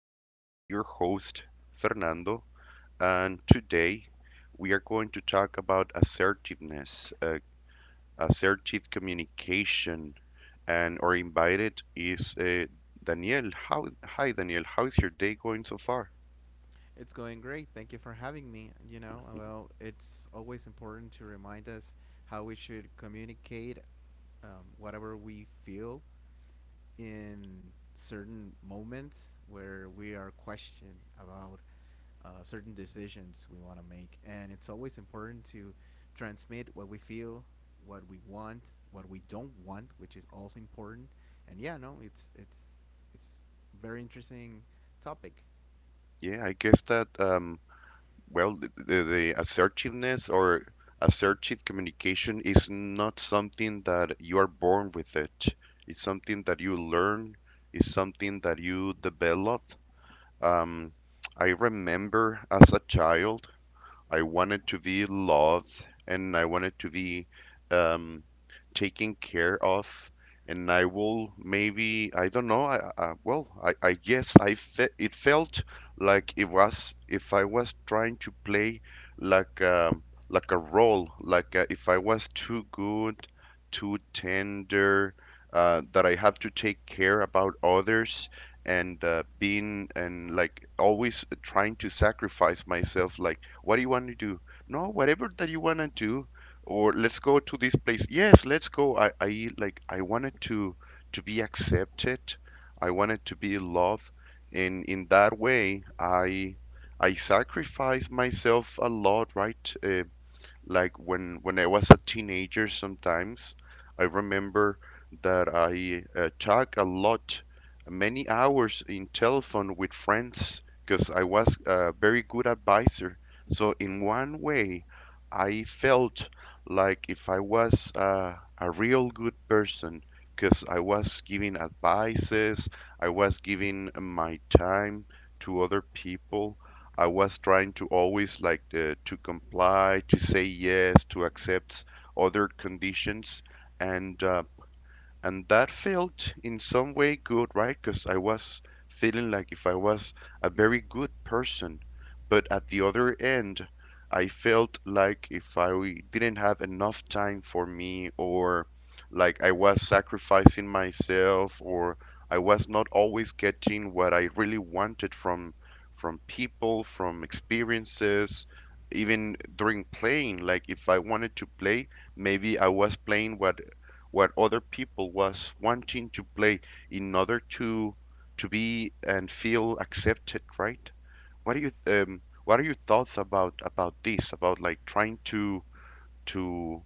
podcast. Your host, Fernando, and today we are going to talk about assertiveness, assertive communication, and our invited is Daniel. Hi, Daniel. How is your day going so far? It's going great. Thank you for having me. You know, Mhm. well, it's always important to remind us how we should communicate whatever we feel in certain moments where we are questioned about certain decisions we want to make. And it's always important to transmit what we feel, what we want, what we don't want, which is also important. And yeah, no, it's very interesting topic. Yeah, I guess that well, the assertiveness or assertive communication is not something that you are born with it. It's something that you learn, it's something that you develop. Um, I remember as a child I wanted to be loved and I wanted to be um, taken care of. And I will maybe, I don't know. I well, I guess I fe it felt like it was if I was trying to play like um, like a role, like if I was too good, too tender, that I have to take care about others and being and like always trying to sacrifice myself like what do you want to do? No, whatever that you want to do. Or let's go to this place. Yes, let's go. I like I wanted to be accepted. I wanted to be loved. And in that way, I sacrifice myself a lot, right? Like when I was a teenager, sometimes I remember that I talk a lot, many hours in telephone with friends because I was a very good advisor. So in one way, I felt like if I was a real good person because I was giving advices, I was giving my time to other people. I was trying to always like to comply, to say yes, to accept other conditions, and and that felt in some way good, right? Because I was feeling like if I was a very good person, but at the other end I felt like if I didn't have enough time for me, or like I was sacrificing myself, or I was not always getting what I really wanted from people, from experiences, even during playing. Like if I wanted to play, maybe I was playing what other people was wanting to play in order to be and feel accepted, right? What do you what are your thoughts about this, about like trying to to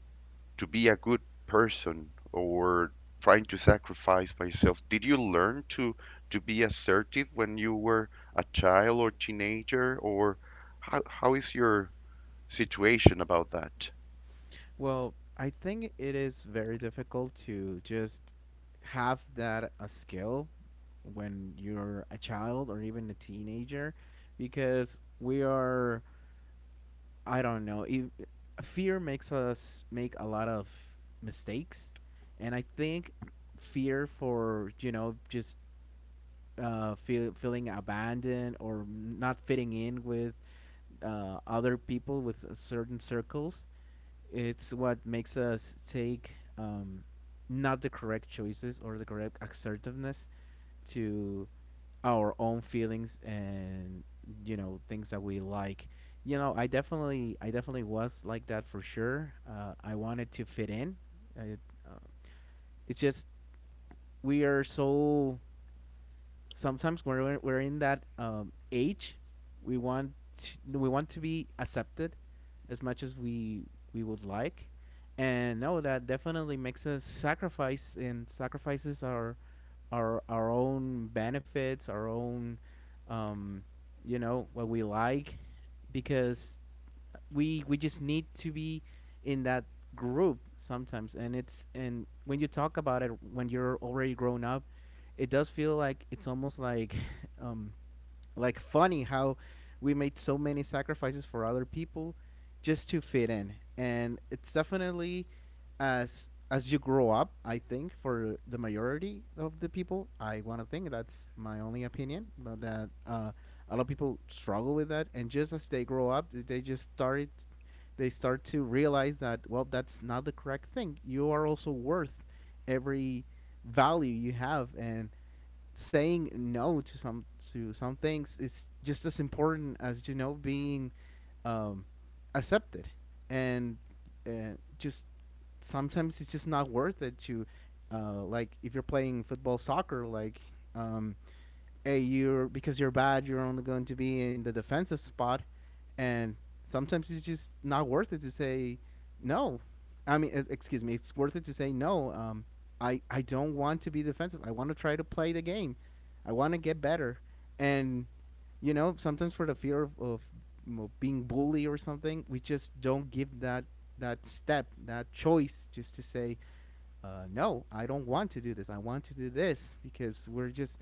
be a good person or trying to sacrifice by yourself? Did you learn to be assertive when you were a child or teenager, or how is your situation about that? Well, I think it is very difficult to just have that a skill when you're a child or even a teenager because we are I don't know, fear makes us make a lot of mistakes and I think fear for, you know, just feeling abandoned or not fitting in with other people with certain circles it's what makes us take um, not the correct choices or the correct assertiveness to our own feelings and you know things that we like. You know, I definitely was like that for sure. I wanted to fit in. I, uh, it's just we are so sometimes when we're in that age, we want we want to be accepted as much as we would like, and no, that definitely makes us sacrifice and sacrifices our our own benefits, our own um, you know what we like, because we just need to be in that group sometimes. And it's and when you talk about it when you're already grown up it does feel like it's almost like um like funny how we made so many sacrifices for other people just to fit in. And it's definitely as you grow up, I think for the majority of the people, I want to think that's my only opinion, but that a lot of people struggle with that, and just as they grow up they just start to realize that well that's not the correct thing. You are also worth every value you have, and saying no to some to some things is just as important as you know being um, accepted. And uh, just sometimes it's just not worth it to like if you're playing football soccer like um, hey, you're because you're bad, you're only going to be in the defensive spot, and sometimes it's just not worth it to say no. I mean, excuse me, it's worth it to say no. I don't want to be defensive. I want to try to play the game. I want to get better, and you know, sometimes for the fear of being bully or something, we just don't give that that step, that choice, just to say, no, I don't want to do this. I want to do this because we're just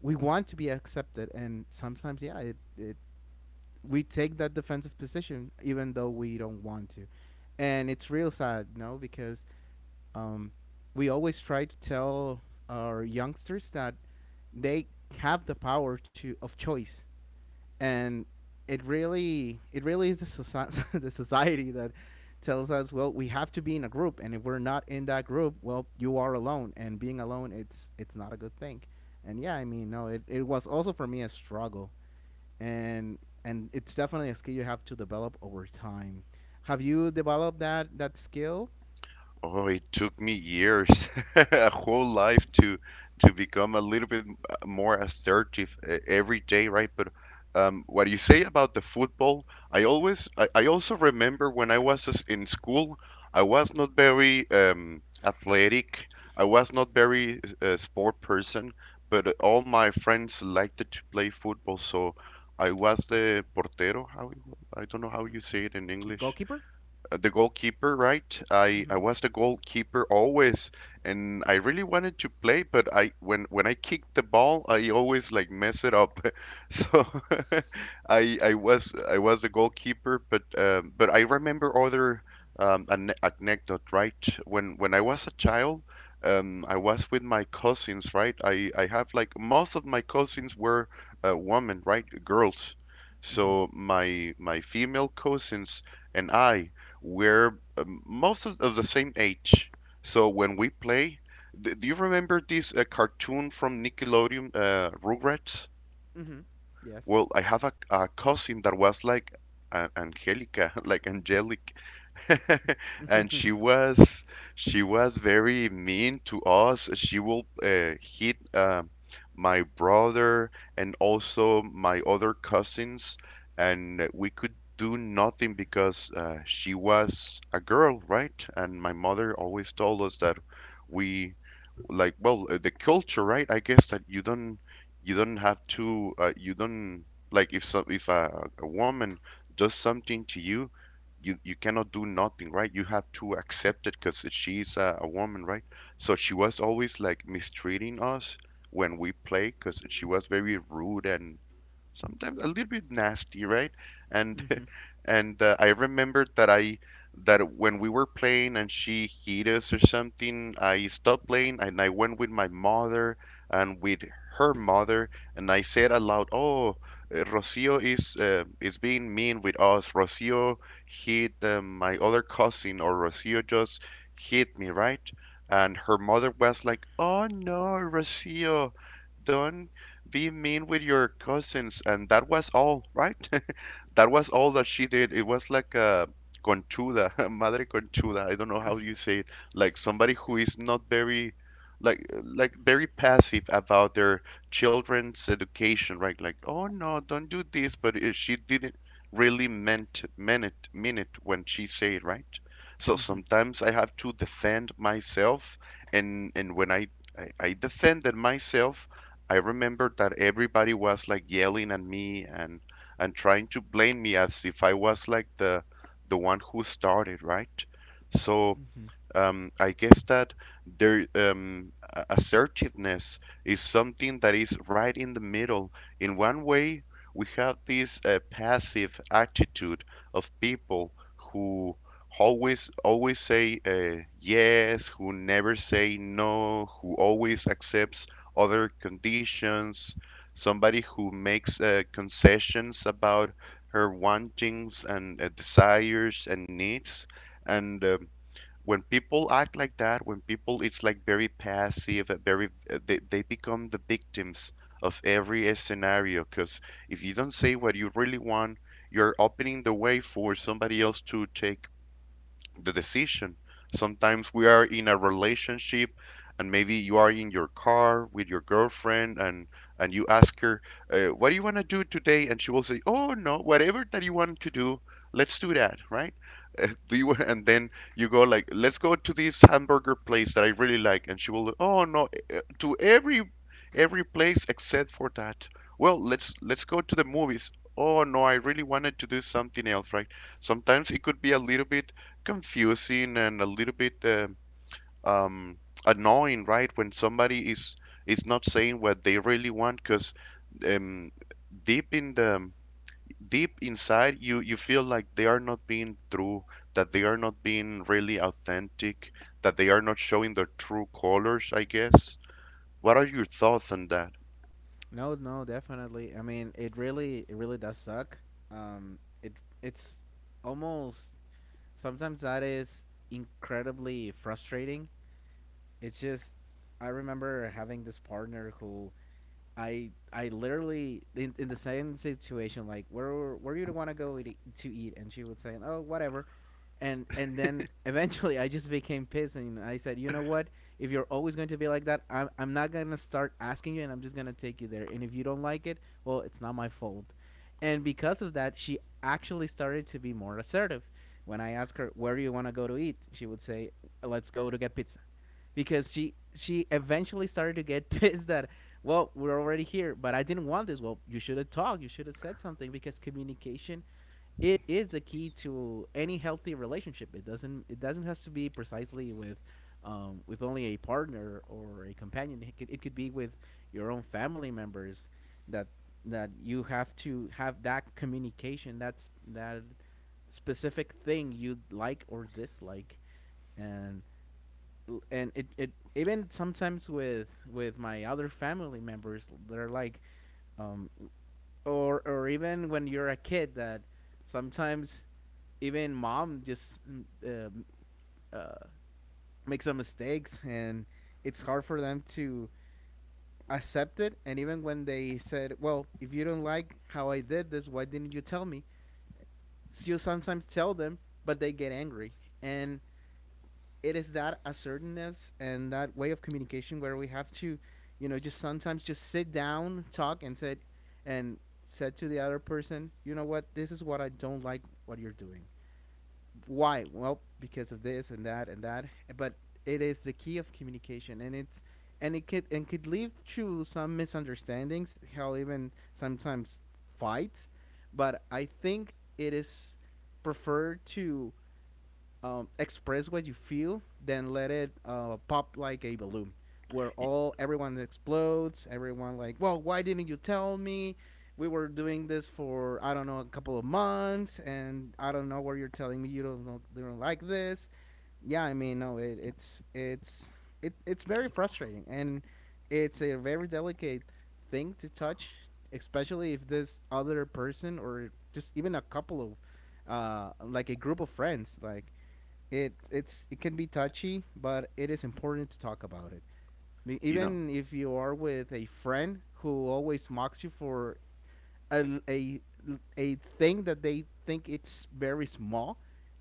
we want to be accepted, and sometimes yeah, it we take that defensive position even though we don't want to, and it's real sad, you know, because um, we always try to tell our youngsters that they have the power to of choice. And it really is the society that tells us well we have to be in a group, and if we're not in that group well you are alone, and being alone it's not a good thing. And yeah, I mean, no, it was also for me a struggle, and and it's definitely a skill you have to develop over time. Have you developed that that skill? Oh, it took me years, a whole life to become a little bit more assertive every day, right? But what you say about the football, I also remember when I was in school, I was not very athletic. I was not very sport person, but all my friends liked to play football, so I was the portero. I don't know how you say it in The English. goalkeeper. The goalkeeper, right? I Mm-hmm. I was the goalkeeper always, and I really wanted to play, but I when I kick the ball, I always like mess it up. So I was the goalkeeper, but I remember other an anecdote, right? When I was a child, I was with my cousins, right? I have like most of my cousins were women, right? Girls. Mm-hmm. So my female cousins and I we're most of the same age. So when we play, d do you remember this cartoon from Nickelodeon, Rugrats? Mm-hmm. Yes. Well, I have a cousin that was like Angelica, like angelic. And she was very mean to us. She will hit my brother and also my other cousins, and we could do nothing because she was a girl, right? And my mother always told us that we like well the culture, right? I guess that you don't have to you don't like if so if a, a woman does something to you, you you cannot do nothing, right? You have to accept it because she's a woman, right? So she was always like mistreating us when we play because she was very rude and sometimes a little bit nasty, right? And Mm-hmm. and I remembered that I that when we were playing and she hit us or something, I stopped playing and I went with my mother and with her mother and I said aloud, "Oh, Rocio is being mean with us. Rocio hit my other cousin, or Rocio just hit me, right?" And her mother was like, "Oh no, Rocio. Don't be mean with your cousins." And that was all, right? That was all that she did. It was like a conchuda, madre conchuda. I don't know how you say it. Like somebody who is not very, like very passive about their children's education, right? Like, oh no, don't do this. But she didn't really mean it when she said it, right? So Mm-hmm. sometimes I have to defend myself, and I defended myself. I remember that everybody was like yelling at me and trying to blame me as if I was like the one who started, right? So Mm-hmm. I guess that their assertiveness is something that is right in the middle. In one way, we have this passive attitude of people who always say yes, who never say no, who always accepts other conditions, somebody who makes concessions about her wantings and desires and needs, and when people act like that, when people it's like very passive, very they become the victims of every scenario. Because if you don't say what you really want, you're opening the way for somebody else to take the decision. Sometimes we are in a relationship and maybe you are in your car with your girlfriend and you ask her, "What do you want to do today?" And she will say, "Oh no, whatever that you want to do, let's do that," right? Do you and then you go like, "Let's go to this hamburger place that I really like," and she will, "Oh no, eh, eh, to every place except for that." Well, let's go to the movies. Oh no, I really wanted to do something else, right? Sometimes it could be a little bit confusing and a little bit um, annoying, right? When somebody is not saying what they really want, because um, deep in the deep inside, you feel like they are not being true, that they are not being really authentic, that they are not showing their true colors, I guess. What are your thoughts on that? No, no, definitely. I mean, it really does suck. Um, it it's almost sometimes that is incredibly frustrating. It's just I remember having this partner who I literally in the same situation like where you want to go eat, to eat, and she would say oh whatever, and then eventually I just became pissed and I said, you know what? If you're always going to be like that, I'm not gonna start asking you, and I'm just gonna take you there. And if you don't like it, well, it's not my fault. And because of that, she actually started to be more assertive. When I asked her, where do you want to go to eat? She would say, let's go to get pizza because she eventually started to get pissed that well we're already here but I didn't want this. Well, you should have talked, you should have said something, because communication it is the key to any healthy relationship. It doesn't has to be precisely with only a partner or a companion. It could be with your own family members that that you have to have that communication that's that specific thing you like or dislike. and and it even sometimes with my other family members they're like um or even when you're a kid that sometimes even mom just uh, makes some mistakes, and it's hard for them to accept it. And even when they said, well, if you don't like how I did this, why didn't you tell me? So you sometimes tell them, but they get angry. And it is that assertiveness and that way of communication where we have to, you know, just sometimes just sit down, talk, and said to the other person, you know what, this is what I don't like what you're doing. Why? Well, because of this and that and that. But it is the key of communication, and it's and it could lead to some misunderstandings, hell, even sometimes fights. But I think it is preferred to express what you feel than let it pop like a balloon where Y- all everyone explodes, everyone like well why didn't you tell me we were doing this for I don't know a couple of months and I don't know where you're telling me you don't know you don't like this. Yeah, I mean, no, it's very frustrating, and it's a very delicate thing to touch, especially if this other person or just even a couple of like a group of friends like it it can be touchy, but it is important to talk about it. You know. Even if you are with a friend who always mocks you for a, a, a thing that they think it's very small,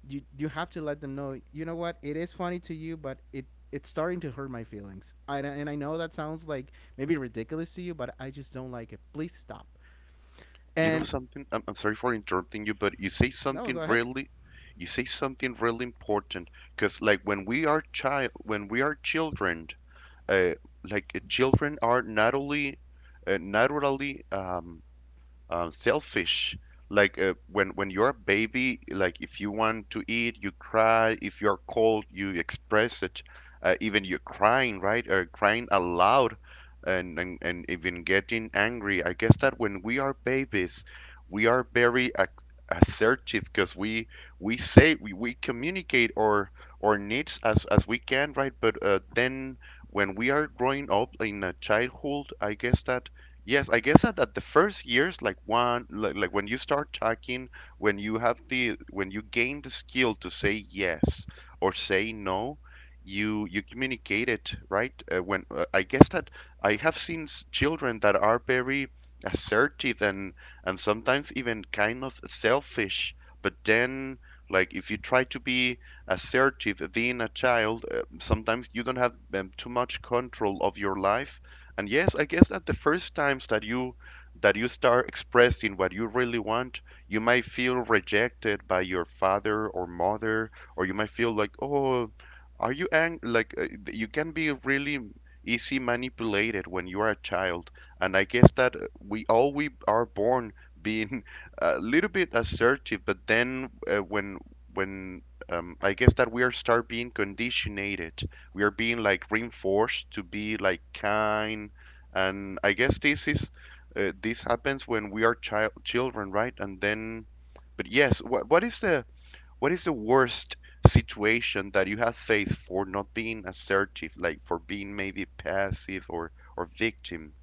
you have to let them know. You know what? It is funny to you, but it's starting to hurt my feelings. And I know that sounds like maybe ridiculous to you, but I just don't like it. Please stop. You know And something? I'm sorry for interrupting you, but no, go ahead. You say something really important. Because like when we are child, when we are children, uh, children are not only, naturally selfish. Like when you're a baby, like if you want to eat, you cry. If you're cold, you express it. Even you're crying, right? Or crying aloud, and, and even getting angry. I guess that when we are babies, we are very ac assertive because we communicate our needs as we can, right? But then when we are growing up in a childhood, I guess that yes, I guess that the first years, like one, like when you start talking, when you have the, when you gain the skill to say yes or say no, you communicate it, right? When I guess that I have seen children that are very assertive and sometimes even kind of selfish, but then like if you try to be assertive being a child, sometimes you don't have too much control of your life, and yes, I guess that the first times that you start expressing what you really want, you might feel rejected by your father or mother, or you might feel like, oh, are you ang like th- you can be really easy manipulated when you are a child. And I guess that we are born being a little bit assertive, but then when I guess that we are start being conditioned, we are being like reinforced to be like kind. And I guess this is this happens when we are children, right? And then but yes, what is the worst situation that you have faced for not being assertive, like for being maybe passive or victim?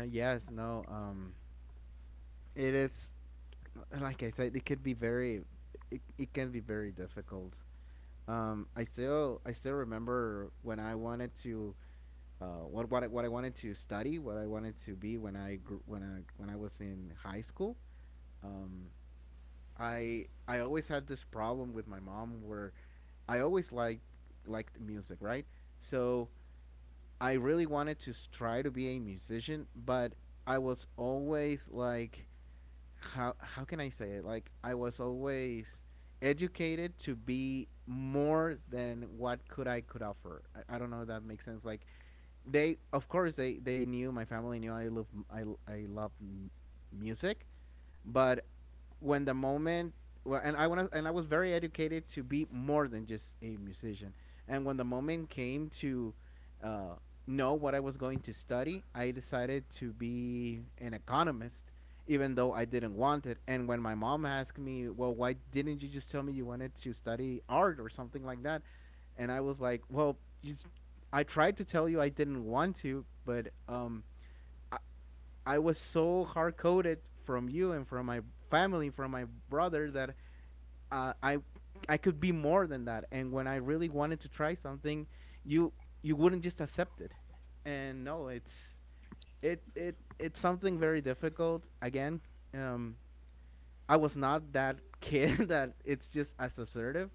Yes, no. It is like I said, it could be very, it can be very difficult. I still remember when I wanted to what I wanted to study, what I wanted to be when I when I was in high school. Um, I always had this problem with my mom where I always liked music, right? So I really wanted to try to be a musician, but I was always like how can I say it? Like I was always educated to be more than what could offer. I don't know if that makes sense. Like they, of course, they knew my family knew I love I I love music, but when the moment well, and I want and I was very educated to be more than just a musician. And when the moment came to uh, know what I was going to study, I decided to be an economist, even though I didn't want it. And when my mom asked me, "Well, why didn't you just tell me you wanted to study art or something like that?" and I was like, "Well, just I tried to tell you I didn't want to, but. I was so hard coded from you and from my family, from my brother that uh, I I could be more than that. And when I really wanted to try something, you you wouldn't just accept it. And no, it's it's something very difficult. Again, um, I was not that kid that it's just as assertive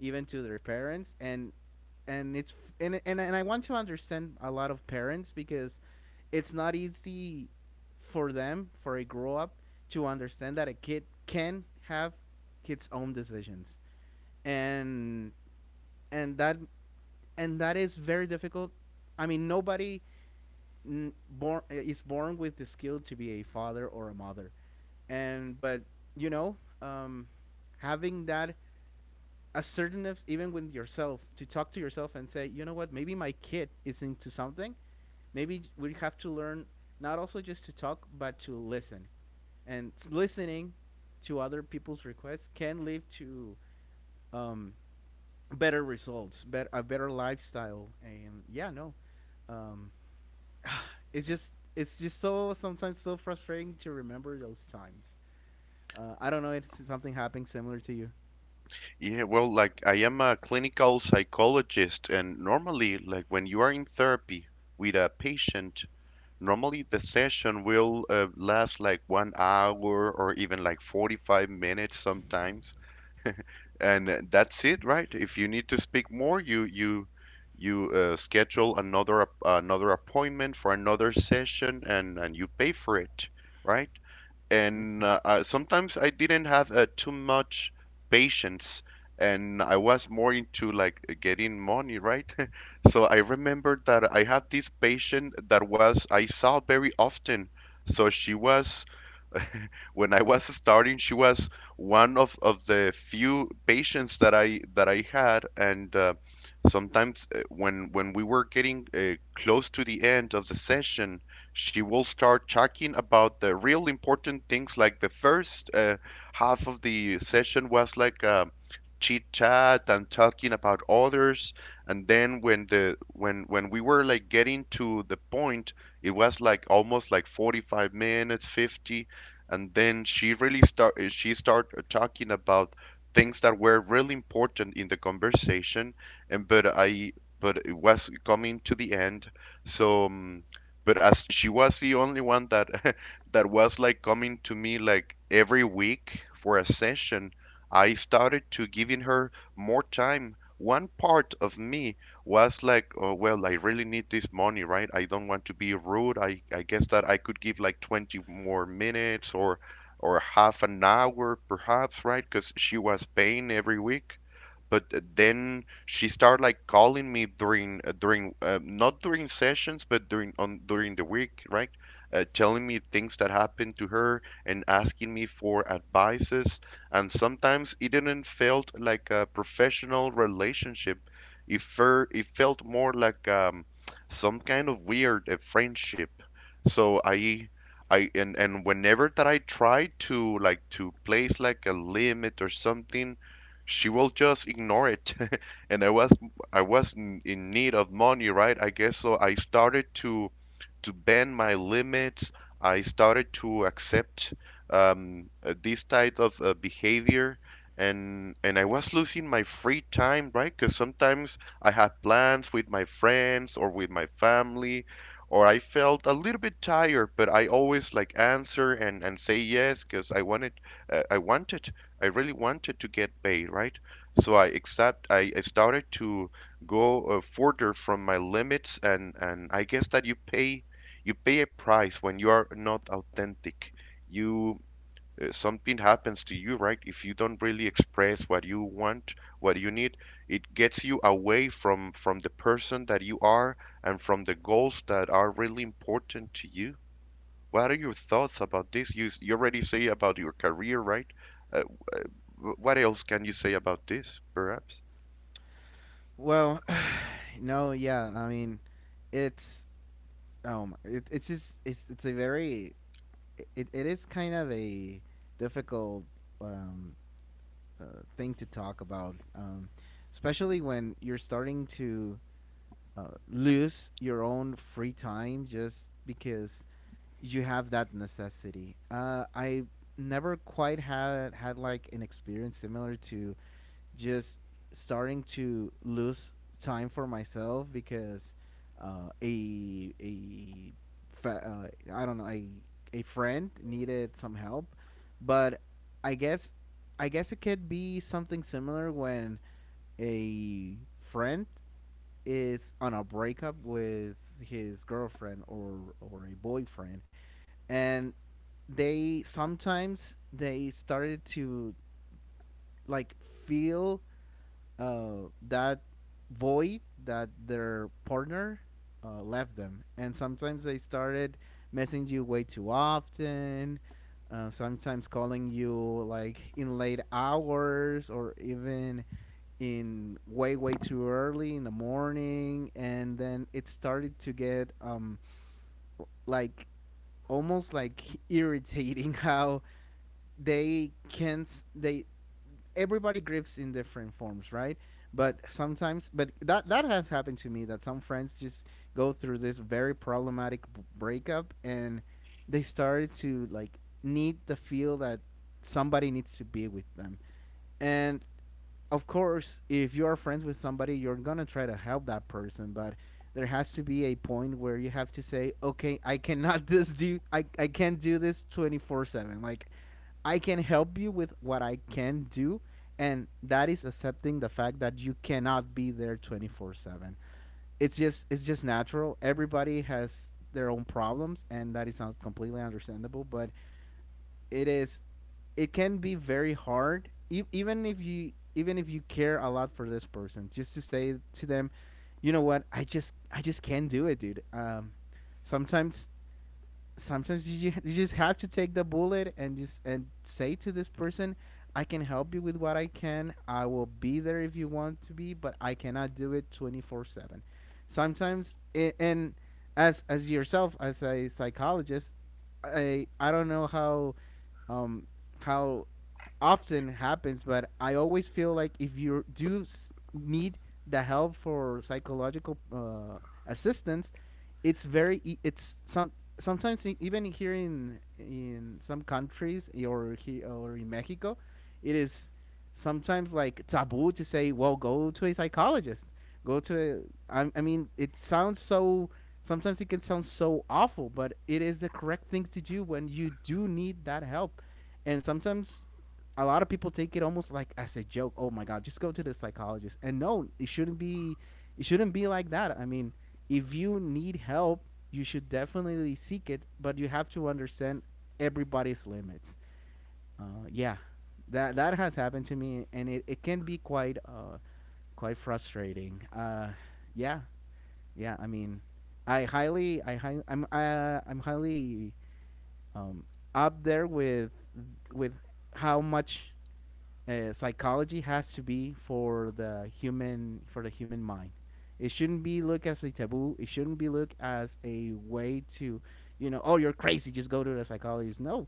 even to their parents and it's and I want to understand a lot of parents because it's not easy for them for a grow up to understand that a kid can have its own decisions and and that and that is very difficult. I mean, nobody born is born with the skill to be a father or a mother, and but you know um having that assertiveness even with yourself to talk to yourself and say, you know what, maybe my kid is into something, maybe we have to learn not also just to talk but to listen. And listening to other people's requests can lead to um, better results, a better lifestyle. And yeah, no, um, it's just, it's just so sometimes so frustrating to remember those times. I don't know if something happened similar to you. Yeah, well, like I am a clinical psychologist, and normally like when you are in therapy with a patient, normally the session will last like 1 hour or even like 45 minutes sometimes, and that's it, right? If you need to speak more, you schedule another appointment for another session, and you pay for it, right? And Mhm. Sometimes I didn't have too much patience, and I was more into like getting money, right? So I remember that I had this patient that was I saw very often. So she was, when I was starting, she was one of the few patients that I had, and sometimes when we were getting close to the end of the session, she will start talking about the real important things. Like the first half of the session was like chit chat and talking about others, and then when the when we were like getting to the point, it was like almost like 45 minutes, 50, and then she really start she started talking about things that were really important in the conversation. And but i but it was coming to the end. So um, but as she was the only one that that was like coming to me like every week for a session, I started to giving her more time. One part of me was like, oh, well, I really need this money, right? I don't want to be rude. I guess that I could give like 20 more minutes or half an hour perhaps, right? Because she was paying every week. But then she started like calling me during not during sessions, but during the week, right? Telling me things that happened to her and asking me for advices. And sometimes it didn't felt like a professional relationship. It felt more like some kind of weird friendship. So I And whenever that I tried to like to place like a limit or something, she will just ignore it. And I was in need of money, right? I guess so. I started to bend my limits. I started to accept this type of behavior, and I was losing my free time, right? Because sometimes I had plans with my friends or with my family, or I felt a little bit tired, but I always like answer and say yes because I wanted uh, I wanted I really wanted to get paid, right? So I started to go further from my limits, and I guess that you pay a price when you are not authentic. You Something happens to you, right? If you don't really express what you want, what you need, it gets you away from the person that you are and from the goals that are really important to you. What are your thoughts about this? You already say about your career, right? Uh, w- uh, what else can you say about this, perhaps? Well, no, yeah. I mean, it's it's just it's a very, it is kind of a difficult um, thing to talk about, especially when you're starting to lose your own free time just because you have that necessity. I never quite had like an experience similar to just starting to lose time for myself because uh, a a I don't know, a friend needed some help. But I guess, I guess it could be something similar when a friend is on a breakup with his girlfriend or a boyfriend, and they sometimes they started to like feel that void that their partner left them. And sometimes they started messaging you way too often. Sometimes calling you like in late hours or even in way way too early in the morning. And then it started to get like almost like irritating how they can't, they, everybody grieves in different forms, right? But sometimes, but that that has happened to me that some friends just go through this very problematic breakup, and they started to like need the feel that somebody needs to be with them. And of course, if you are friends with somebody, you're gonna try to help that person. But there has to be a point where you have to say, okay, I cannot this do, I can't do this 24 seven. Like, I can help you with what I can do, and that is accepting the fact that you cannot be there 24 seven. It's just natural. Everybody has their own problems, and that is not completely understandable, but it is, it can be very hard even if you, even if you care a lot for this person, just to say to them, you know what, I just I just can't do it, dude. Sometimes, sometimes you, you just have to take the bullet and just and say to this person, I can help you with what I can. I will be there if you want to be, but I cannot do it 24/7. Sometimes and as yourself as a psychologist, I don't know how um how often happens, but I always feel like if you do need the help for psychological assistance, it's very it's some, sometimes even here in some countries, or here or in Mexico, it is sometimes like taboo to say, well, go to a psychologist. Go to a, I mean, it sounds so. Sometimes it can sound so awful, but it is the correct thing to do when you do need that help. And sometimes a lot of people take it almost like as a joke. Oh my god, just go to the psychologist. And no, it shouldn't be. It shouldn't be like that. I mean, if you need help, you should definitely seek it, but you have to understand everybody's limits. Yeah, that that has happened to me, and it can be quite quite frustrating. Yeah, yeah. I mean, I'm highly um, up there with how much psychology has to be for the human, for the human mind. It shouldn't be looked as a taboo. It shouldn't be looked as a way to, you know, oh, you're crazy, just go to the psychologist. No,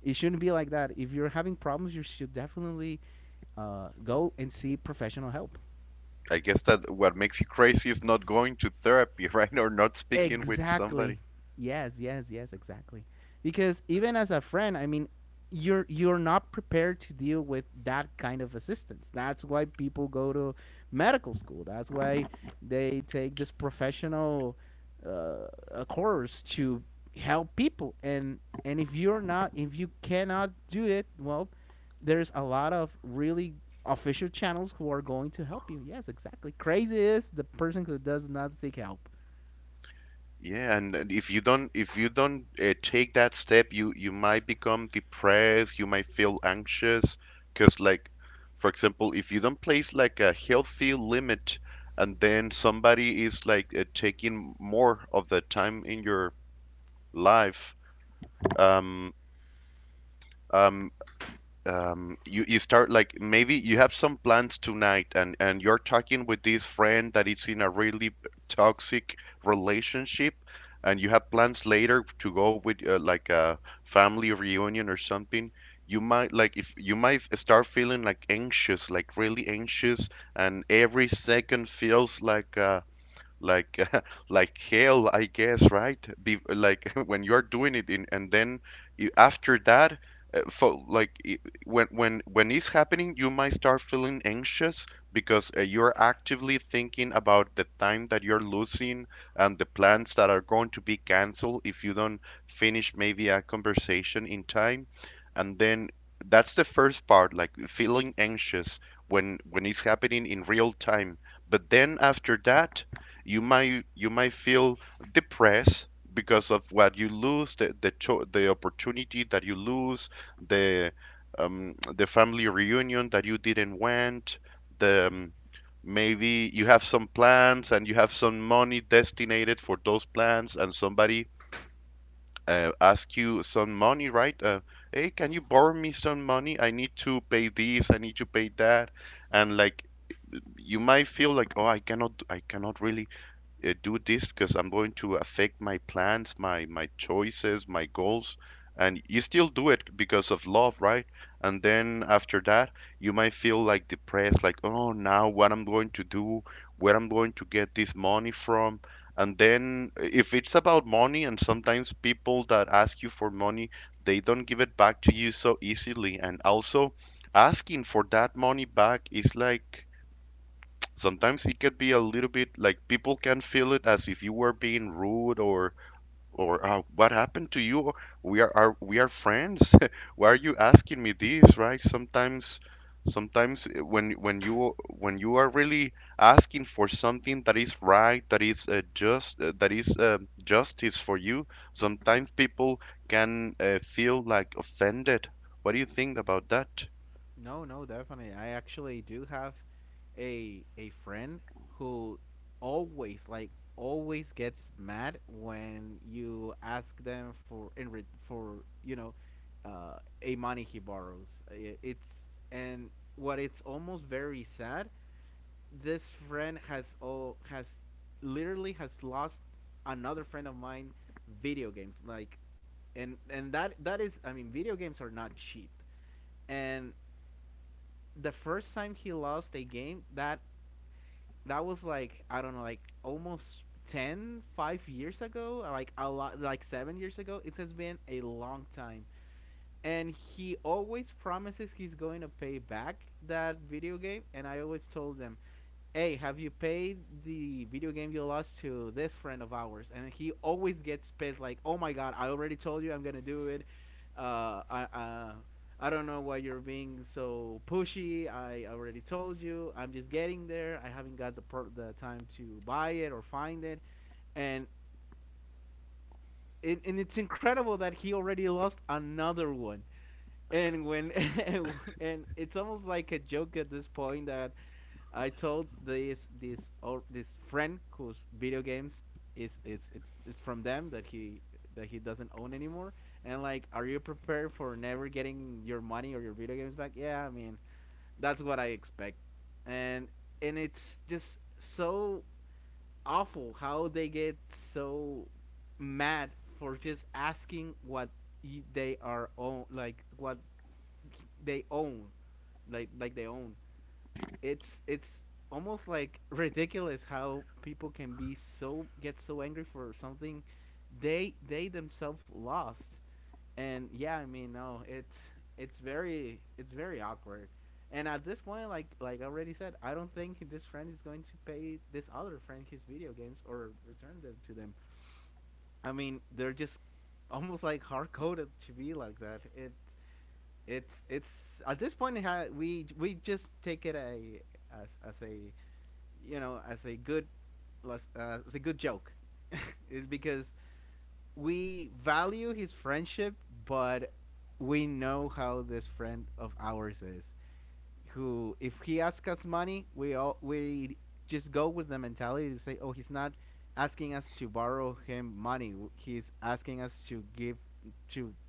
it shouldn't be like that. If you're having problems, you should definitely go and see professional help. I guess that what makes you crazy is not going to therapy, right? Or not speaking with somebody. Exactly. Yes, yes, yes, exactly. Because even as a friend, I mean, you're not prepared to deal with that kind of assistance. That's why people go to medical school. That's why they take this professional a course to help people. And if you're not, if you cannot do it, well, there's a lot of really official channels who are going to help you. Yes, exactly. Crazy is the person who does not seek help. Yeah, and if you don't take that step, you might become depressed, you might feel anxious, because, like, for example, if you don't place like a healthy limit, and then somebody is like taking more of the time in your life, um um you start like maybe you have some plans tonight and you're talking with this friend that is in a really toxic relationship, and you have plans later to go with like a family reunion or something. You might like if you might start feeling like anxious, like really anxious, and every second feels like like like hell, I guess, right? Like when you're doing it in, and then you, after that, uh, fo- like i- when when it's happening, you might start feeling anxious because you're actively thinking about the time that you're losing and the plans that are going to be canceled if you don't finish maybe a conversation in time. And then that's the first part, like feeling anxious when it's happening in real time. But then after that, you might feel depressed because of what you lose, the opportunity that you lose, the the family reunion that you didn't went, the maybe you have some plans and you have some money destinated for those plans, and somebody ask you some money, right? Hey, can you borrow me some money? I need to pay this, I need to pay that. And like, you might feel like, oh, I cannot really do this because I'm going to affect my plans, my choices, my goals, and you still do it because of love, right? And then after that, you might feel like depressed, like, oh, now what I'm going to do, where I'm going to get this money from. And then if it's about money, and sometimes people that ask you for money, they don't give it back to you so easily. And also asking for that money back is like sometimes it could be a little bit like people can feel it as if you were being rude, or what happened to you? We are friends. Why are you asking me this, right? Sometimes when you are really asking for something that is right, that is just, that is justice for you, sometimes people can feel like offended. What do you think about that? No, no, definitely. I actually do have a friend who always like always gets mad when you ask them for, for, you know, a money he borrows. I- It's, and what, it's almost very sad. This friend has literally has lost another friend of mine video games, like. And that that is, I mean, video games are not cheap. And the first time he lost a game that that was like, I don't know, like almost 10, 5 years ago, like a lot, like 7 years ago. It has been a long time. And he always promises he's going to pay back that video game, and I always told them, hey, have you paid the video game you lost to this friend of ours? And he always gets pissed, like, oh my god, I already told you, I'm gonna do it. Uh, I, uh, I don't know why you're being so pushy. I already told you. I'm just getting there. I haven't got the the time to buy it or find it. And and it's incredible that he already lost another one. And when and it's almost like a joke at this point that I told this, this or this friend whose video games is, it's it's from them that he, that he doesn't own anymore. And like, are you prepared for never getting your money or your video games back? Yeah, I mean, that's what I expect. And and it's just so awful how they get so mad for just asking what they are own, like what they own, like they own. It's almost like ridiculous how people can be so, get so angry for something they themselves lost. And yeah, I mean, no, it's it's very, it's very awkward. And at this point, like I already said, I don't think this friend is going to pay this other friend his video games or return them to them. I mean, they're just almost like hard coded to be like that. It's at this point, we just take it a, as a, you know, as a good joke, is because we value his friendship, but we know how this friend of ours is. Who, if he asks us money, we just go with the mentality to say, oh, he's not asking us to borrow him money. He's asking us to give to,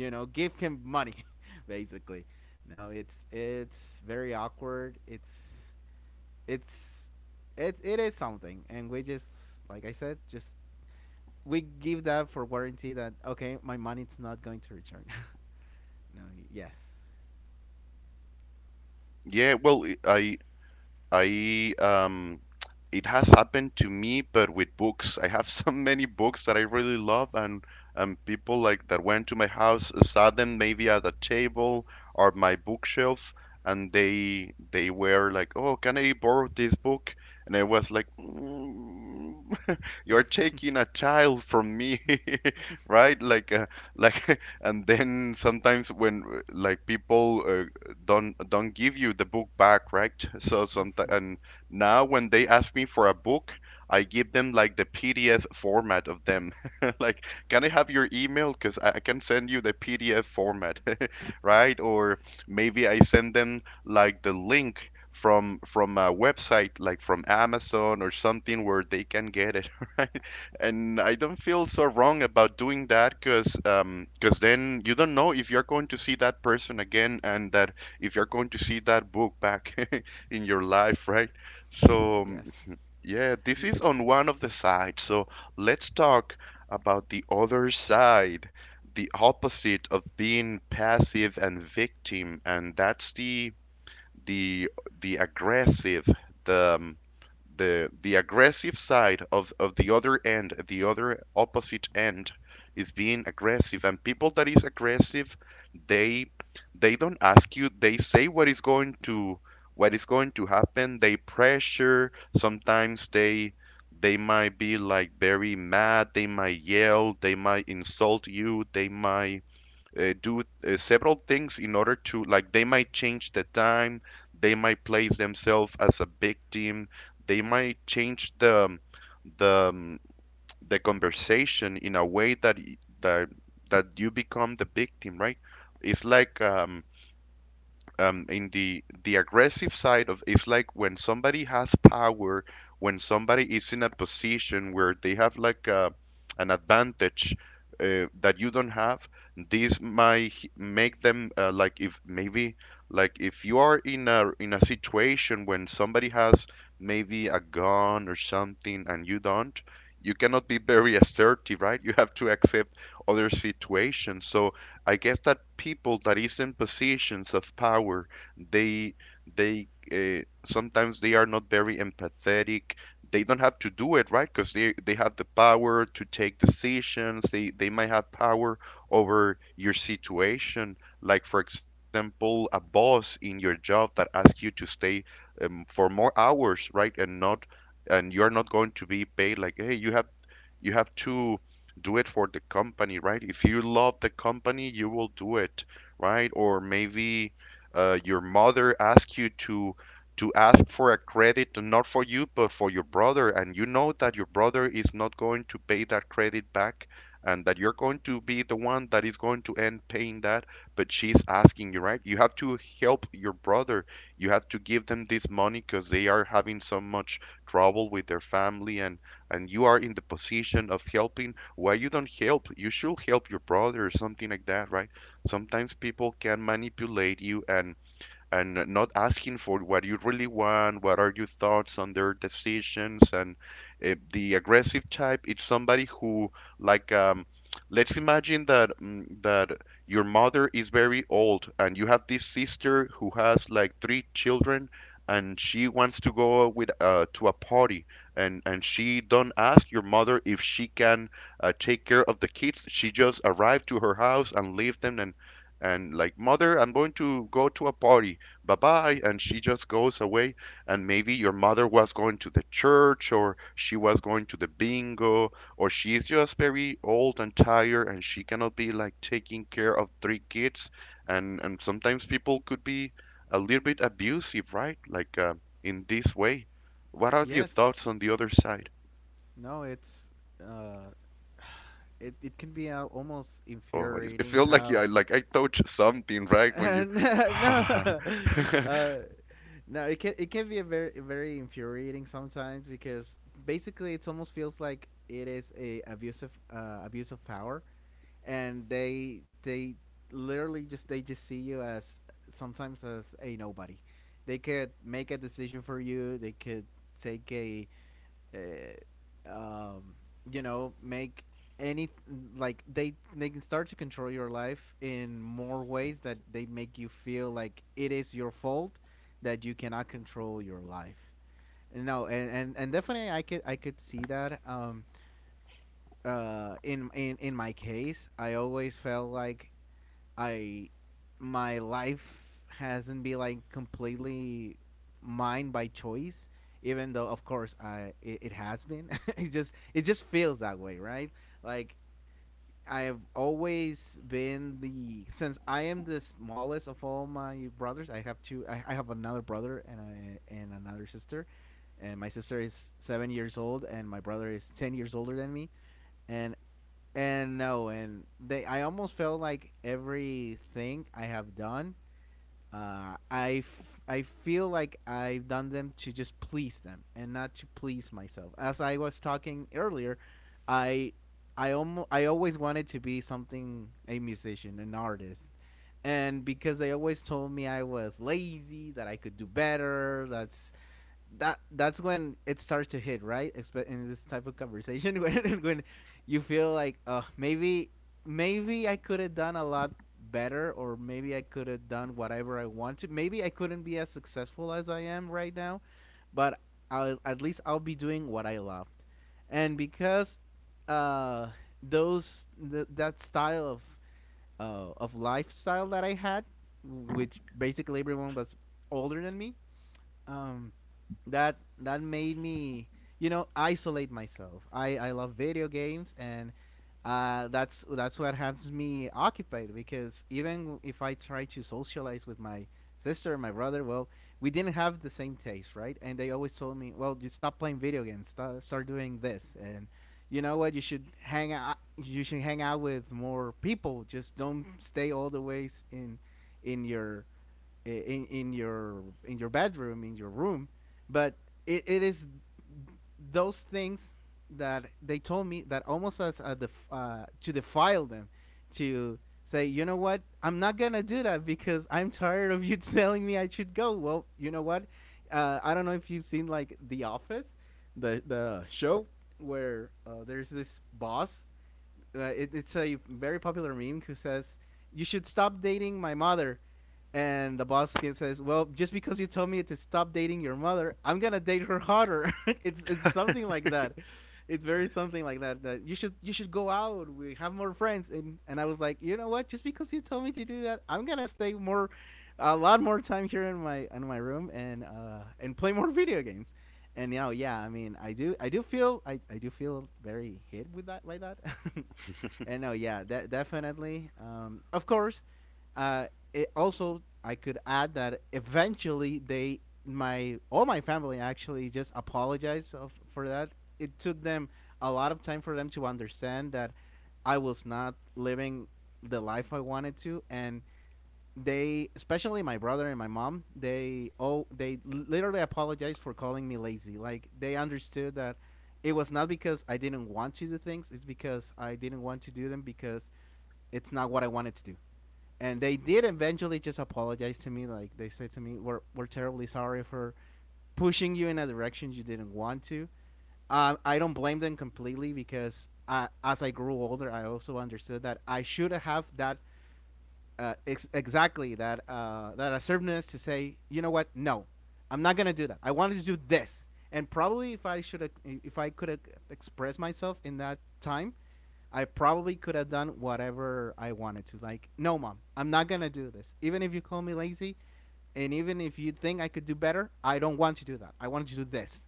you know, give him money, basically. No, it's very awkward. It's, it it is something, and we just like I said, just we give that for warranty that okay, my money's not going to return. No, yes. Yeah, well, I it has happened to me, but with books. I have so many books that I really love, and people like that went to my house, saw them maybe at a table or my bookshelf, and they were like, "Oh, can I borrow this book?" And I was like, "Mm, you're taking a child from me, right?" Like, and then sometimes when like people don't give you the book back, right? So sometimes, and now when they ask me for a book, I give them like the PDF format of them. Like, can I have your email? Because I can send you the PDF format, right? Or maybe I send them like the link from a website like from Amazon or something where they can get it, right? And I don't feel so wrong about doing that because then you don't know if you're going to see that person again, and that, if you're going to see that book back in your life, right? So, Mm, yes, yeah, this is on one of the sides. So let's talk about the other side, the opposite of being passive and victim, and that's the the the aggressive, the um, the aggressive side of the other end, the other opposite end is being aggressive. And people that is aggressive, they they don't ask you, they say what is going to happen. They pressure. Sometimes they might be like very mad, they might yell, they might insult you, they might do several things in order to, like, they might change the time, they might place themselves as a victim, they might change the the um, the conversation in a way that that that you become the victim, right? it's like In the aggressive side of, it's like when somebody has power, when somebody is in a position where they have like an advantage that you don't have, this might make them like if maybe, like if you are in a situation when somebody has maybe a gun or something and you don't, you cannot be very assertive, right? You have to accept other situations. So I guess that people that is in positions of power, they they sometimes they are not very empathetic. They don't have to do it, right? Because they have the power to take decisions. They might have power over your situation. Like, for example, a boss in your job that asks you to stay for more hours, right? And you're not going to be paid, like, hey, you have to do it for the company, right? If you love the company, you will do it, right? Or maybe your mother asks you to ask for a credit, not for you but for your brother, and you know that your brother is not going to pay that credit back, and that you're going to be the one that is going to end paying that. But she's asking you, right? You have to help your brother. You have to give them this money because they are having so much trouble with their family, and you are in the position of helping. Why you don't help? You should help your brother, or something like that, right? Sometimes people can manipulate you and not asking for what you really want. What are your thoughts on their decisions? And the aggressive type, it's somebody who, like, let's imagine that your mother is very old, and you have this sister who has like three children. And she wants to go with to a party, and she don't ask your mother if she can take care of the kids. She just arrived to her house and leave them, and like, mother, I'm going to go to a party, bye bye, and she just goes away. And maybe your mother was going to the church, or she was going to the bingo, or she's just very old and tired and she cannot be like taking care of three kids. And sometimes people could be a little bit abusive, right? Like, in this way. What are your yes. thoughts on the other side? No, it's uh, it it can be almost Oh, it infuriating felt like, yeah, how. like I touched something, right? When you No, uh, no, it can, it can be a very very infuriating sometimes because basically it almost feels like it is a abusive abuse of power. And they literally just, they just see you as sometimes as a nobody. They could make a decision for you. They could take a, uh, um, you know, make any, like they can start to control your life in more ways that they make you feel like it is your fault that you cannot control your life. No, and definitely I could I could see that. In my case, I always felt like I, my life hasn't been like completely mine by choice, even though of course I, it has been it just, it just feels that way, right? Like I've always been the, since I am the smallest of all my brothers, I have two, I have another brother and and another sister, and my sister is 7 years old and my brother is 10 years older than me. and and no, and they. I almost felt like everything I have done, I feel like I've done them to just please them and not to please myself. As I was talking earlier, I I almost, I always wanted to be something, a musician, an artist. And because they always told me I was lazy, that I could do better, that's that's when it starts to hit, right? In this type of conversation when you feel like, oh, maybe I could have done a lot better, or maybe I could have done whatever I want to. Maybe I couldn't be as successful as I am right now, but at least I'll be doing what I loved. And because uh that style of lifestyle that I had, which basically everyone was older than me, um that made me, you know, isolate myself. I love video games, and that's what helps me occupied, because even if I try to socialize with my sister and my brother, well, we didn't have the same taste, right? And they always told me, well, just stop playing video games, start doing this. And, you know what, you should hang out you should hang out with more people. Just don't stay all the ways in your in your bedroom, in your room. But it is those things that they told me that almost as a to defile them, to say, you know what, I'm not gonna do that, because I'm tired of you telling me I should go. Well, you know what, I don't know if you've seen, like, The Office, the show, where there's this boss, it's a very popular meme, who says, "You should stop dating my mother," and the boss kid says, "Well, just because you told me to stop dating your mother, I'm gonna date her harder." It's something like that. It's very something like that. That you should, you should go out. We have more friends. And I was like, you know what? Just because you told me to do that, I'm gonna stay more, a lot more time here in my room, and play more video games. And now, yeah, I mean, I do feel, I do feel very hit with that, by that. And no, yeah, definitely. Of course, it also, I could add that eventually they, my all my family actually just apologized for that. It took them a lot of time for them to understand that I was not living the life I wanted to, and they, especially my brother and my mom, they, oh, they literally apologized for calling me lazy. Like, they understood that it was not because I didn't want to do things. It's because I didn't want to do them because it's not what I wanted to do. And they did eventually just apologize to me. Like, they said to me, we're terribly sorry for pushing you in a direction you didn't want to. I don't blame them completely, because as I grew older I also understood that I should have that, exactly that, that assertiveness to say, you know what, no, I'm not gonna do that. I wanted to do this. And probably if I should, if I could have expressed myself in that time, I probably could have done whatever I wanted to. Like, no, mom, I'm not gonna do this. Even if you call me lazy, and even if you think I could do better, I don't want to do that. I want to do this.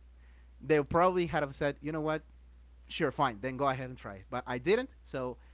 They probably had have said, you know what, sure, fine, then go ahead and try it. But I didn't, so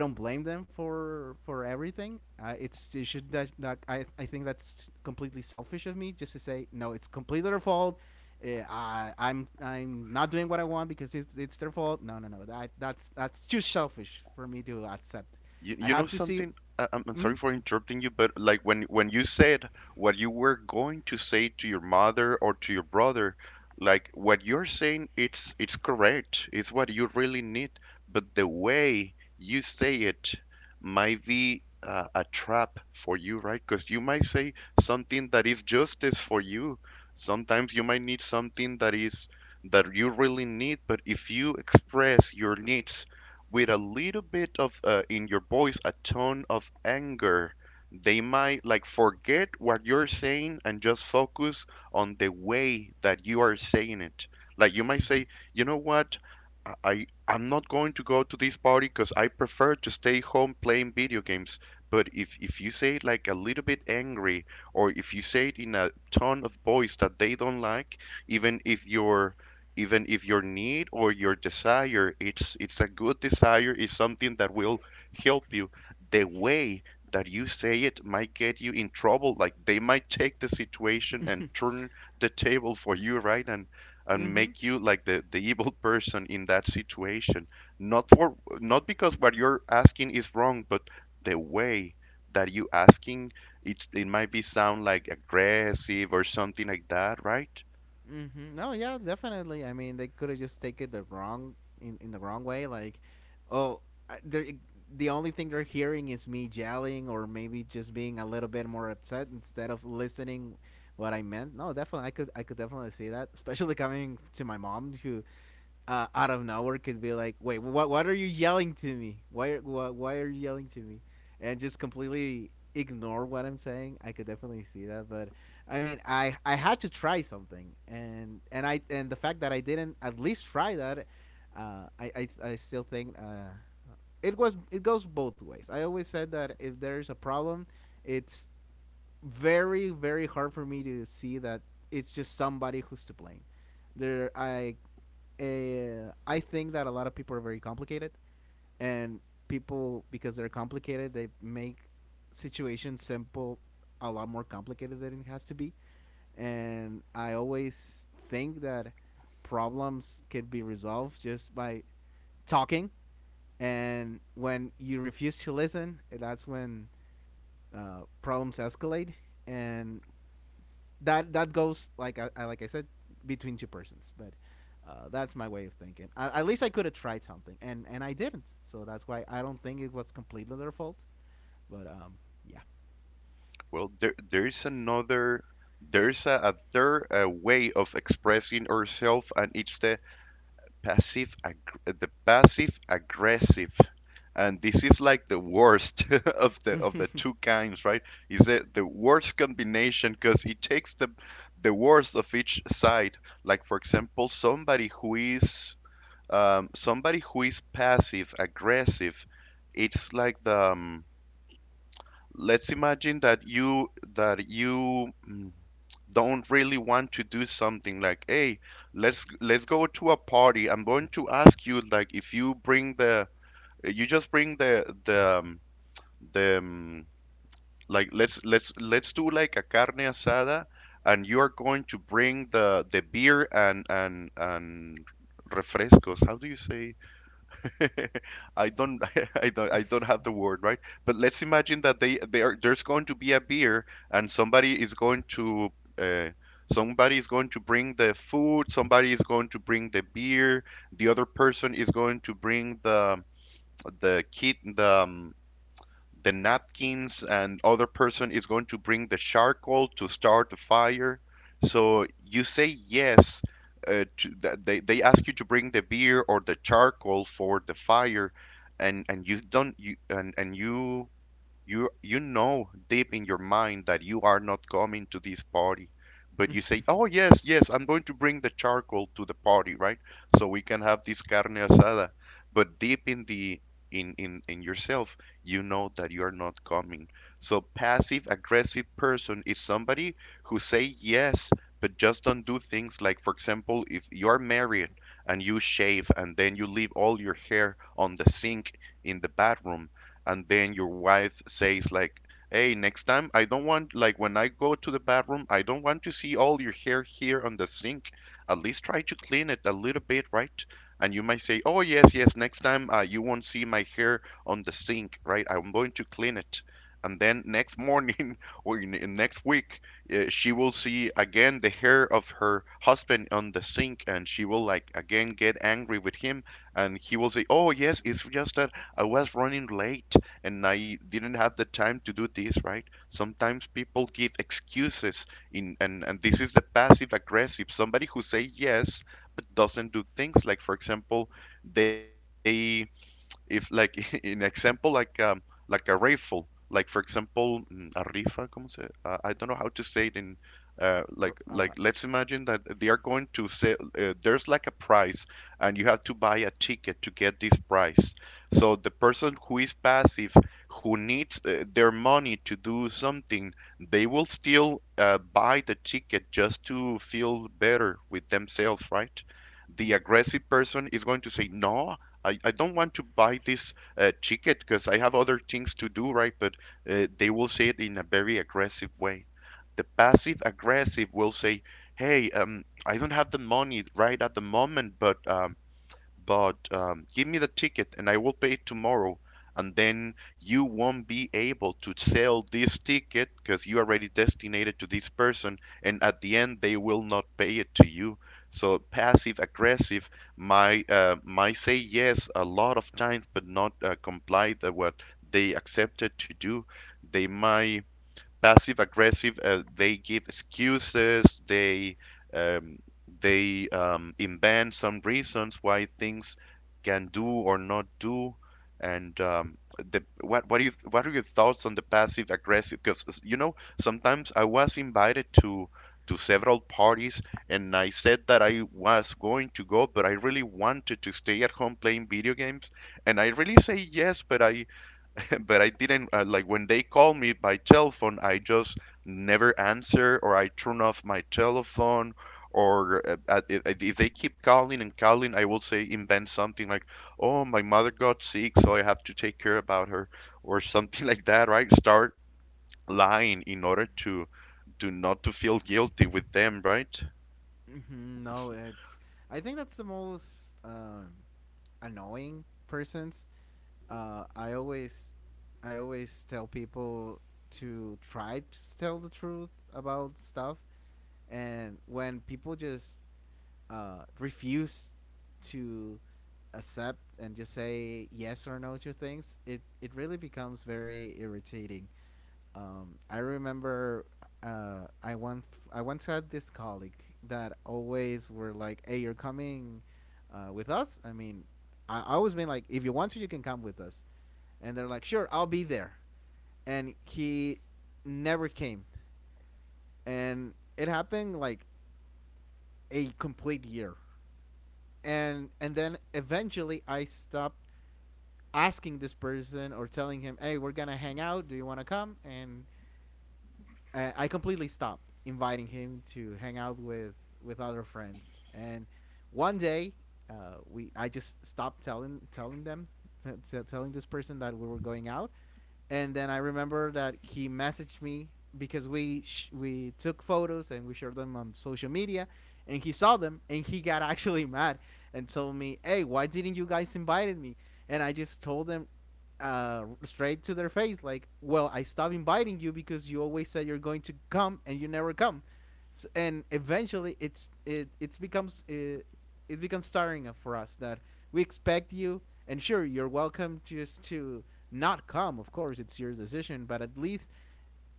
I don't blame them for everything. It's it should that, that- I think that's completely selfish of me, just to say no. It's completely their fault. I'm not doing what I want because it's their fault. No. That's that's too selfish for me to accept. You, I you know have to see. something? I'm sorry Mm? for interrupting you, but like when you said what you were going to say to your mother or to your brother, like what you're saying, it's correct. It's what you really need, but the way you say it might be a trap for you, right? Because you might say something that is justice for you. Sometimes you might need something that you really need, but if you express your needs with a little bit of in your voice a tone of anger, they might like forget what you're saying and just focus on the way that you are saying it. Like, you might Mm-hmm. say, you know what, I'm not going to go to this party because I prefer to stay home playing video games. But if you say it like a little bit angry, or if you say it in a tone of voice that they don't like, even if you're even if your need or your desire, it's a good desire, is something that will help you, the way that you say it might get you in trouble. Like, they might take the situation and turn the table for you, right? And Mm-hmm. make you like the evil person in that situation. Not for, not because what you're asking is wrong, but the way that you asking, it might be sound like aggressive or something like that, right? Mm-hmm. No, yeah, definitely. I mean, they could have just taken the wrong, in the wrong way. Like, oh, they're the only thing they're hearing is me yelling, or maybe just being a little bit more upset, instead of listening what I meant. No, definitely, I could definitely see that, especially coming to my mom, who, out of nowhere could be like, "Wait, what? What are you yelling to me? Why? Are, why are you yelling to me?" And just completely ignore what I'm saying. I could definitely see that. But I mean, I had to try something, and I and the fact that I didn't at least try that, I still think, it was, it goes both ways. I always said that if there's a problem, it's very, very hard for me to see that it's just somebody who's to blame. There, I think that a lot of people are very complicated, and people, because they're complicated, they make situations simple a lot more complicated than it has to be. And I always think that problems can be resolved just by talking. And when you refuse to listen, that's when, problems escalate. And that goes, like, I like I said, between two persons. But that's my way of thinking. At least I could have tried something, and I didn't. So that's why I don't think it was completely their fault. But yeah. Well, there there's another there's a third way of expressing ourselves, and it's the passive ag the passive aggressive, and this is like the worst of the two kinds, right? Is the worst combination because it takes the worst of each side. Like for example, somebody who is passive aggressive, it's like the let's imagine that you don't really want to do something, like, hey, let's go to a party. I'm going to ask you, like, if you bring the you just bring the like, let's do like a carne asada. And you are going to bring the beer, and refrescos, how do you say? I don't I don't have the word, right? But let's imagine that they are there's going to be a beer, and uh, somebody is going to bring the food, somebody is going to bring the beer, the other person is going to bring the kit the napkins, and other person is going to bring the charcoal to start the fire. So you say yes. To, th- they ask you to bring the beer or the charcoal for the fire, and you don't you, and you know deep in your mind that you are not coming to this party, but you say, "Oh, yes, yes, I'm going to bring the charcoal to the party, right? So we can have this carne asada." But deep in the in yourself, you know that you are not coming. So passive aggressive person is somebody who say yes, but just don't do things. Like, for example, if you're married and you shave and then you leave all your hair on the sink in the bathroom, and then your wife says, like, hey, next time I don't want, like, when I go to the bathroom I don't want to see all your hair here on the sink. At least try to clean it a little bit, right? And you might say, oh, yes, yes, next time, you won't see my hair on the sink, right? I'm going to clean it. And then next morning or in next week, she will see again the hair of her husband on the sink, and she will like again get angry with him. And he will say, oh, yes, it's just that I was running late and I didn't have the time to do this, right? Sometimes people give excuses, in and this is the passive aggressive, somebody who say yes but doesn't do things. Like, for example, they if like in example like a rifle, like for example, a rifa, como se, I don't know how to say it in, R- like uh, like let's imagine that they are going to say, there's like a price, and you have to buy a ticket to get this price. So the person who is passive, who needs their money to do something, they will still buy the ticket just to feel better with themselves, right? The aggressive person is going to say, no, I don't want to buy this ticket because I have other things to do, right? But they will say it in a very aggressive way. The passive aggressive will say, hey, I don't have the money right at the moment, but give me the ticket and I will pay it tomorrow. And then you won't be able to sell this ticket because you already designated to this person. And at the end, they will not pay it to you. So passive aggressive my might say yes a lot of times, but not comply the what they accepted to do. They might passive aggressive. They give excuses. Um, they invent some reasons why things can do or not do. And the, what do you what are your thoughts on the passive aggressive? Because you know, sometimes I was invited to several parties and I said that I was going to go, but I really wanted to stay at home playing video games. And I really say yes, but I but I didn't, like when they call me by telephone, I just never answer or I turn off my telephone. Or if they keep calling and calling, I will say invent something like, "Oh, my mother got sick, so I have to take care about her," or something like that, right? Start lying in order to not to feel guilty with them, right? mhm. No, it's. I think that's the most, annoying persons. Uh, I always, I always tell people to try to tell the truth about stuff. And when people just, refuse to accept and just say yes or no to things, it really becomes very irritating. I remember, uh, I once I once had this colleague that always were like, "Hey, you're coming, with us." I mean, I always been like, "If you want to, you can come with us," and they're like, "Sure, I'll be there," and he never came. And it happened like a complete year, and then eventually I stopped asking this person or telling him, "Hey, we're gonna hang out. Do you want to come?" And I completely stopped inviting him to hang out with other friends. And one day, we I just stopped telling, telling them telling this person that we were going out. And then I remember that he messaged me, because we took photos and we shared them on social media, and he saw them, and he got actually mad and told me, "Hey, why didn't you guys invite me?" And I just told them, straight to their face, like, "Well, I stopped inviting you because you always said you're going to come and you never come." S and eventually it's it it's becomes, it becomes tiring for us that we expect you. And, sure, you're welcome just to not come. Of course, it's your decision, but at least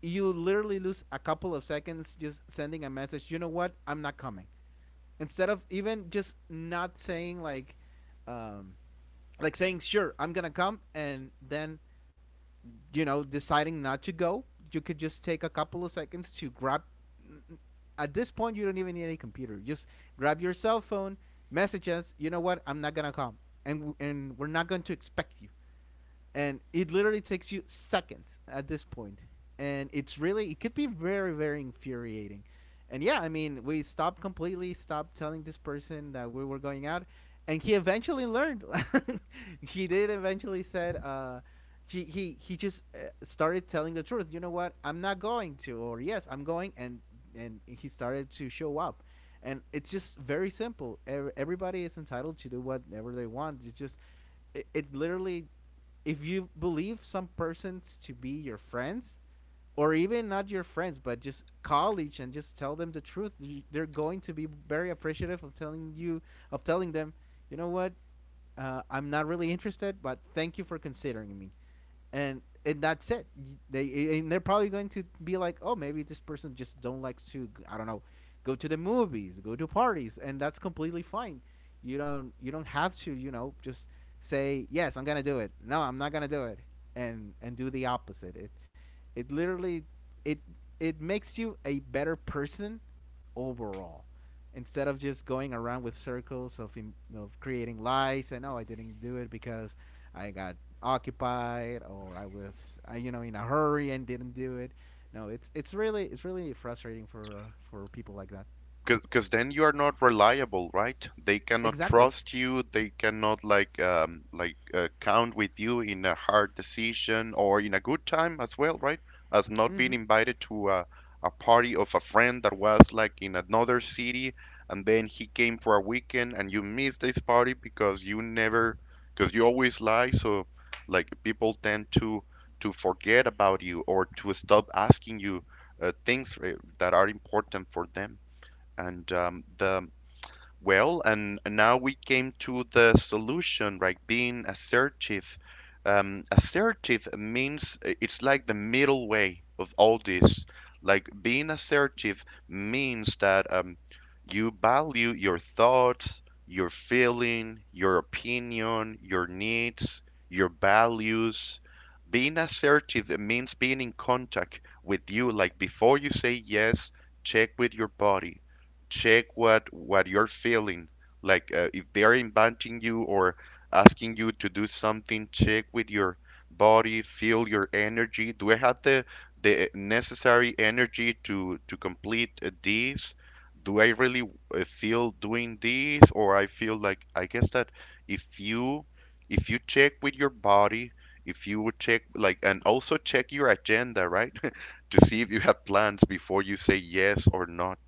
you literally lose a couple of seconds just sending a message. You know what? I'm not coming. Instead of even just not saying, um, like saying, sure I'm gonna come, and then, you know, deciding not to go, you could just take a couple of seconds to grab. At this point, you don't even need a computer. Just grab your cell phone, message us. You know what? I'm not gonna come, and we're not going to expect you. And it literally takes you seconds at this point, and it's really, it could be very, very infuriating. And yeah, I mean, we stopped, completely stopped telling this person that we were going out, and he eventually learned. he did eventually said he just, started telling the truth. You know what, I'm not going to. Or, yes, I'm going. And he started to show up. And it's just very simple. Everybody is entitled to do whatever they want. It's just, it literally, if you believe some persons to be your friends, or even not your friends but just college, and just tell them the truth, they're going to be very appreciative of telling you, of telling them, you know what, I'm not really interested, but thank you for considering me. And that's it. They're probably going to be like, oh, maybe this person just don't likes to, I don't know, go to the movies, go to parties, and that's completely fine. You don't have to, you know, just say, yes, I'm gonna do it. No, I'm not gonna do it, and do the opposite. It literally it It makes you a better person overall, instead of just going around with circles of creating lies, and, oh, I didn't do it because I got occupied, or I was, you know, in a hurry and didn't do it. No, it's really, it's really frustrating for, for people like that. Because then you are not reliable, right? They cannot Exactly. trust you. They cannot like count with you in a hard decision or in a good time as well, right? As not being Mhm. invited to a party of a friend that was like in another city, and then he came for a weekend and you missed this party because you never, because you always lie, so like people tend to forget about you, or to stop asking you things that are important for them. And the well, and now we came to the solution, right? Being assertive. Assertive means, it's like the middle way of all this. Like, being assertive means that you value your thoughts, your feeling, your opinion, your needs, your values. Being assertive means being in contact with you. Like, before you say yes, check with your body, check what you're feeling. Like, if they are inviting you or asking you to do something, check with your body, feel your energy. Do I have the necessary energy to complete this? Do I really feel doing this, or I feel like I guess that if you if you check with your body, if you would check like and also check your agenda, right? To see if you have plans before you say yes or not,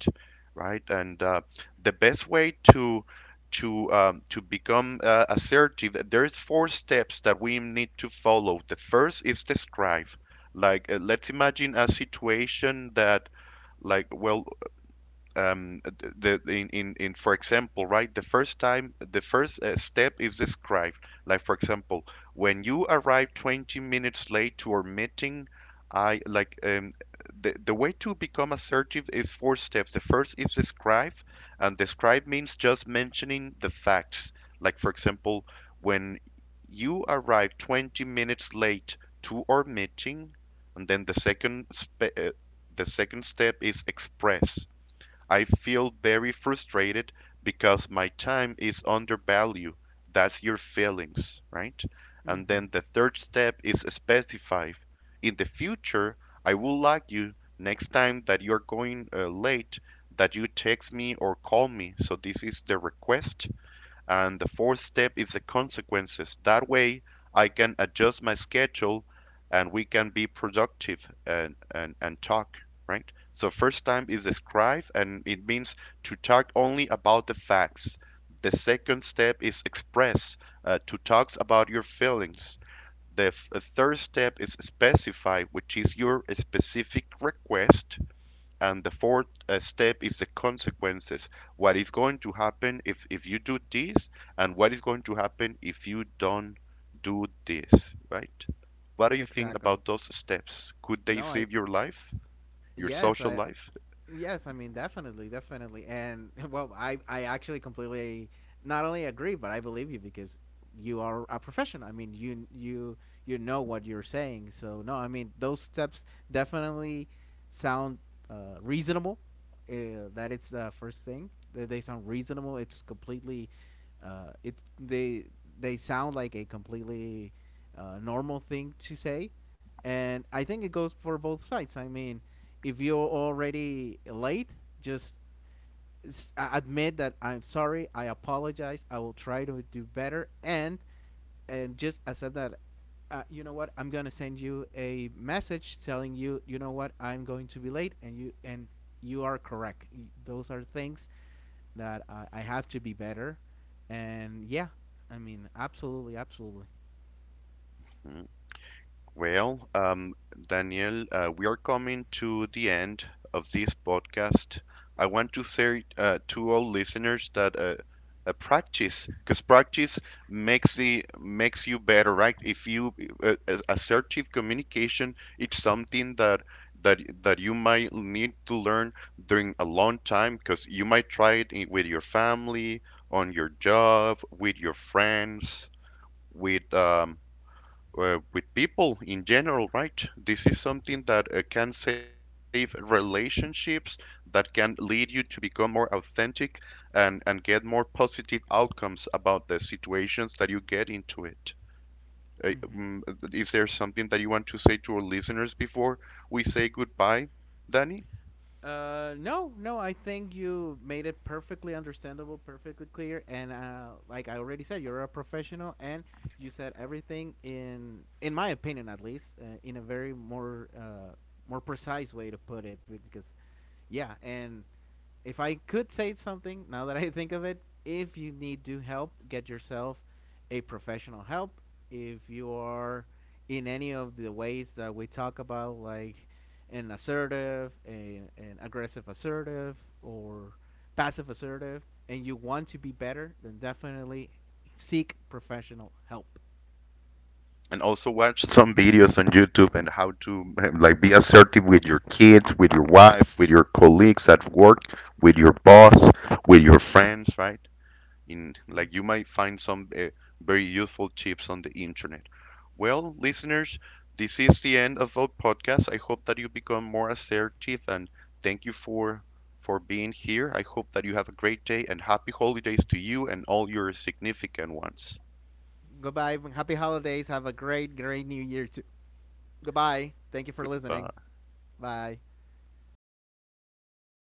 right? And the best way to to become assertive, there's four steps that we need to follow. The first is describe. Like, let's imagine a situation that, like, well, um, in for example, right, the first step is described. Like, for example, when you arrive 20 minutes late to our meeting. I like, the way to become assertive is four steps. The first is describe, and describe means just mentioning the facts. Like, for example, when you arrive 20 minutes late to our meeting. And then the second the second step is express. I feel very frustrated because my time is undervalued. That's your feelings, right? And then Mhm. the third step is specify. In the future, I would like you, next time that you're going late, that you text me or call me. So this is the request, and the fourth step is the consequences. That way, I can adjust my schedule and we can be productive and, and talk, right? So, first time is describe, and it means to talk only about the facts. The second step is express, to talk about your feelings. The third step is specify, which is your specific request, and the fourth step is the consequences: what is going to happen if you do this, and what is going to happen if you don't do this, right? What do you think Exactly. about those steps? Could they No, save I your life, your yes, social I life? Yes, I mean, definitely, definitely, and well, I actually completely not only agree but I believe you, because you are a professional. I mean, you know what you're saying. So, no, I mean, those steps definitely sound, reasonable. That it's the first thing. They sound reasonable. It's completely, it's they sound like a completely, normal thing to say. And I think it goes for both sides. I mean, if you're already late, just admit that, I'm sorry. I apologize. I will try to do better. And just I said that. You know what? I'm gonna send you a message telling you, you know what, I'm going to be late. And you are correct. Those are things that I have to be better. And, yeah, I mean, absolutely, absolutely. Hmm. Well, Daniel, we are coming to the end of this podcast. I want to say to all listeners that practice, because practice makes you better, right? If you assertive communication, it's something that that you might need to learn during a long time, because you might try it in, with your family, on your job, with your friends, with um, with people in general, right? This is something that can save relationships, that can lead you to become more authentic and, get more positive outcomes about the situations that you get into it. Uh, Hmm. mm, is there something that you want to say to our listeners before we say goodbye, Danny? No, no. I think you made it perfectly understandable, perfectly clear. And, like I already said, you're a professional, and you said everything, in my opinion, at least, in a very more, more precise way to put it. Because, yeah. And if I could say something now that I think of it, if you need to help, get yourself a professional help. If you are in any of the ways that we talk about, like an assertive, an aggressive assertive, or passive assertive, and you want to be better, then definitely seek professional help. And also watch some videos on YouTube and how to like be assertive with your kids, with your wife, with your colleagues at work, with your boss, with your friends, right? In like, you might find some very useful tips on the internet. Well, listeners, this is the end of our podcast. I hope that you become more assertive, and thank you for being here. I hope that you have a great day and happy holidays to you and all your significant ones. Goodbye. Happy holidays. Have a great, great new year, too. Goodbye. Thank you for listening. Goodbye. Bye.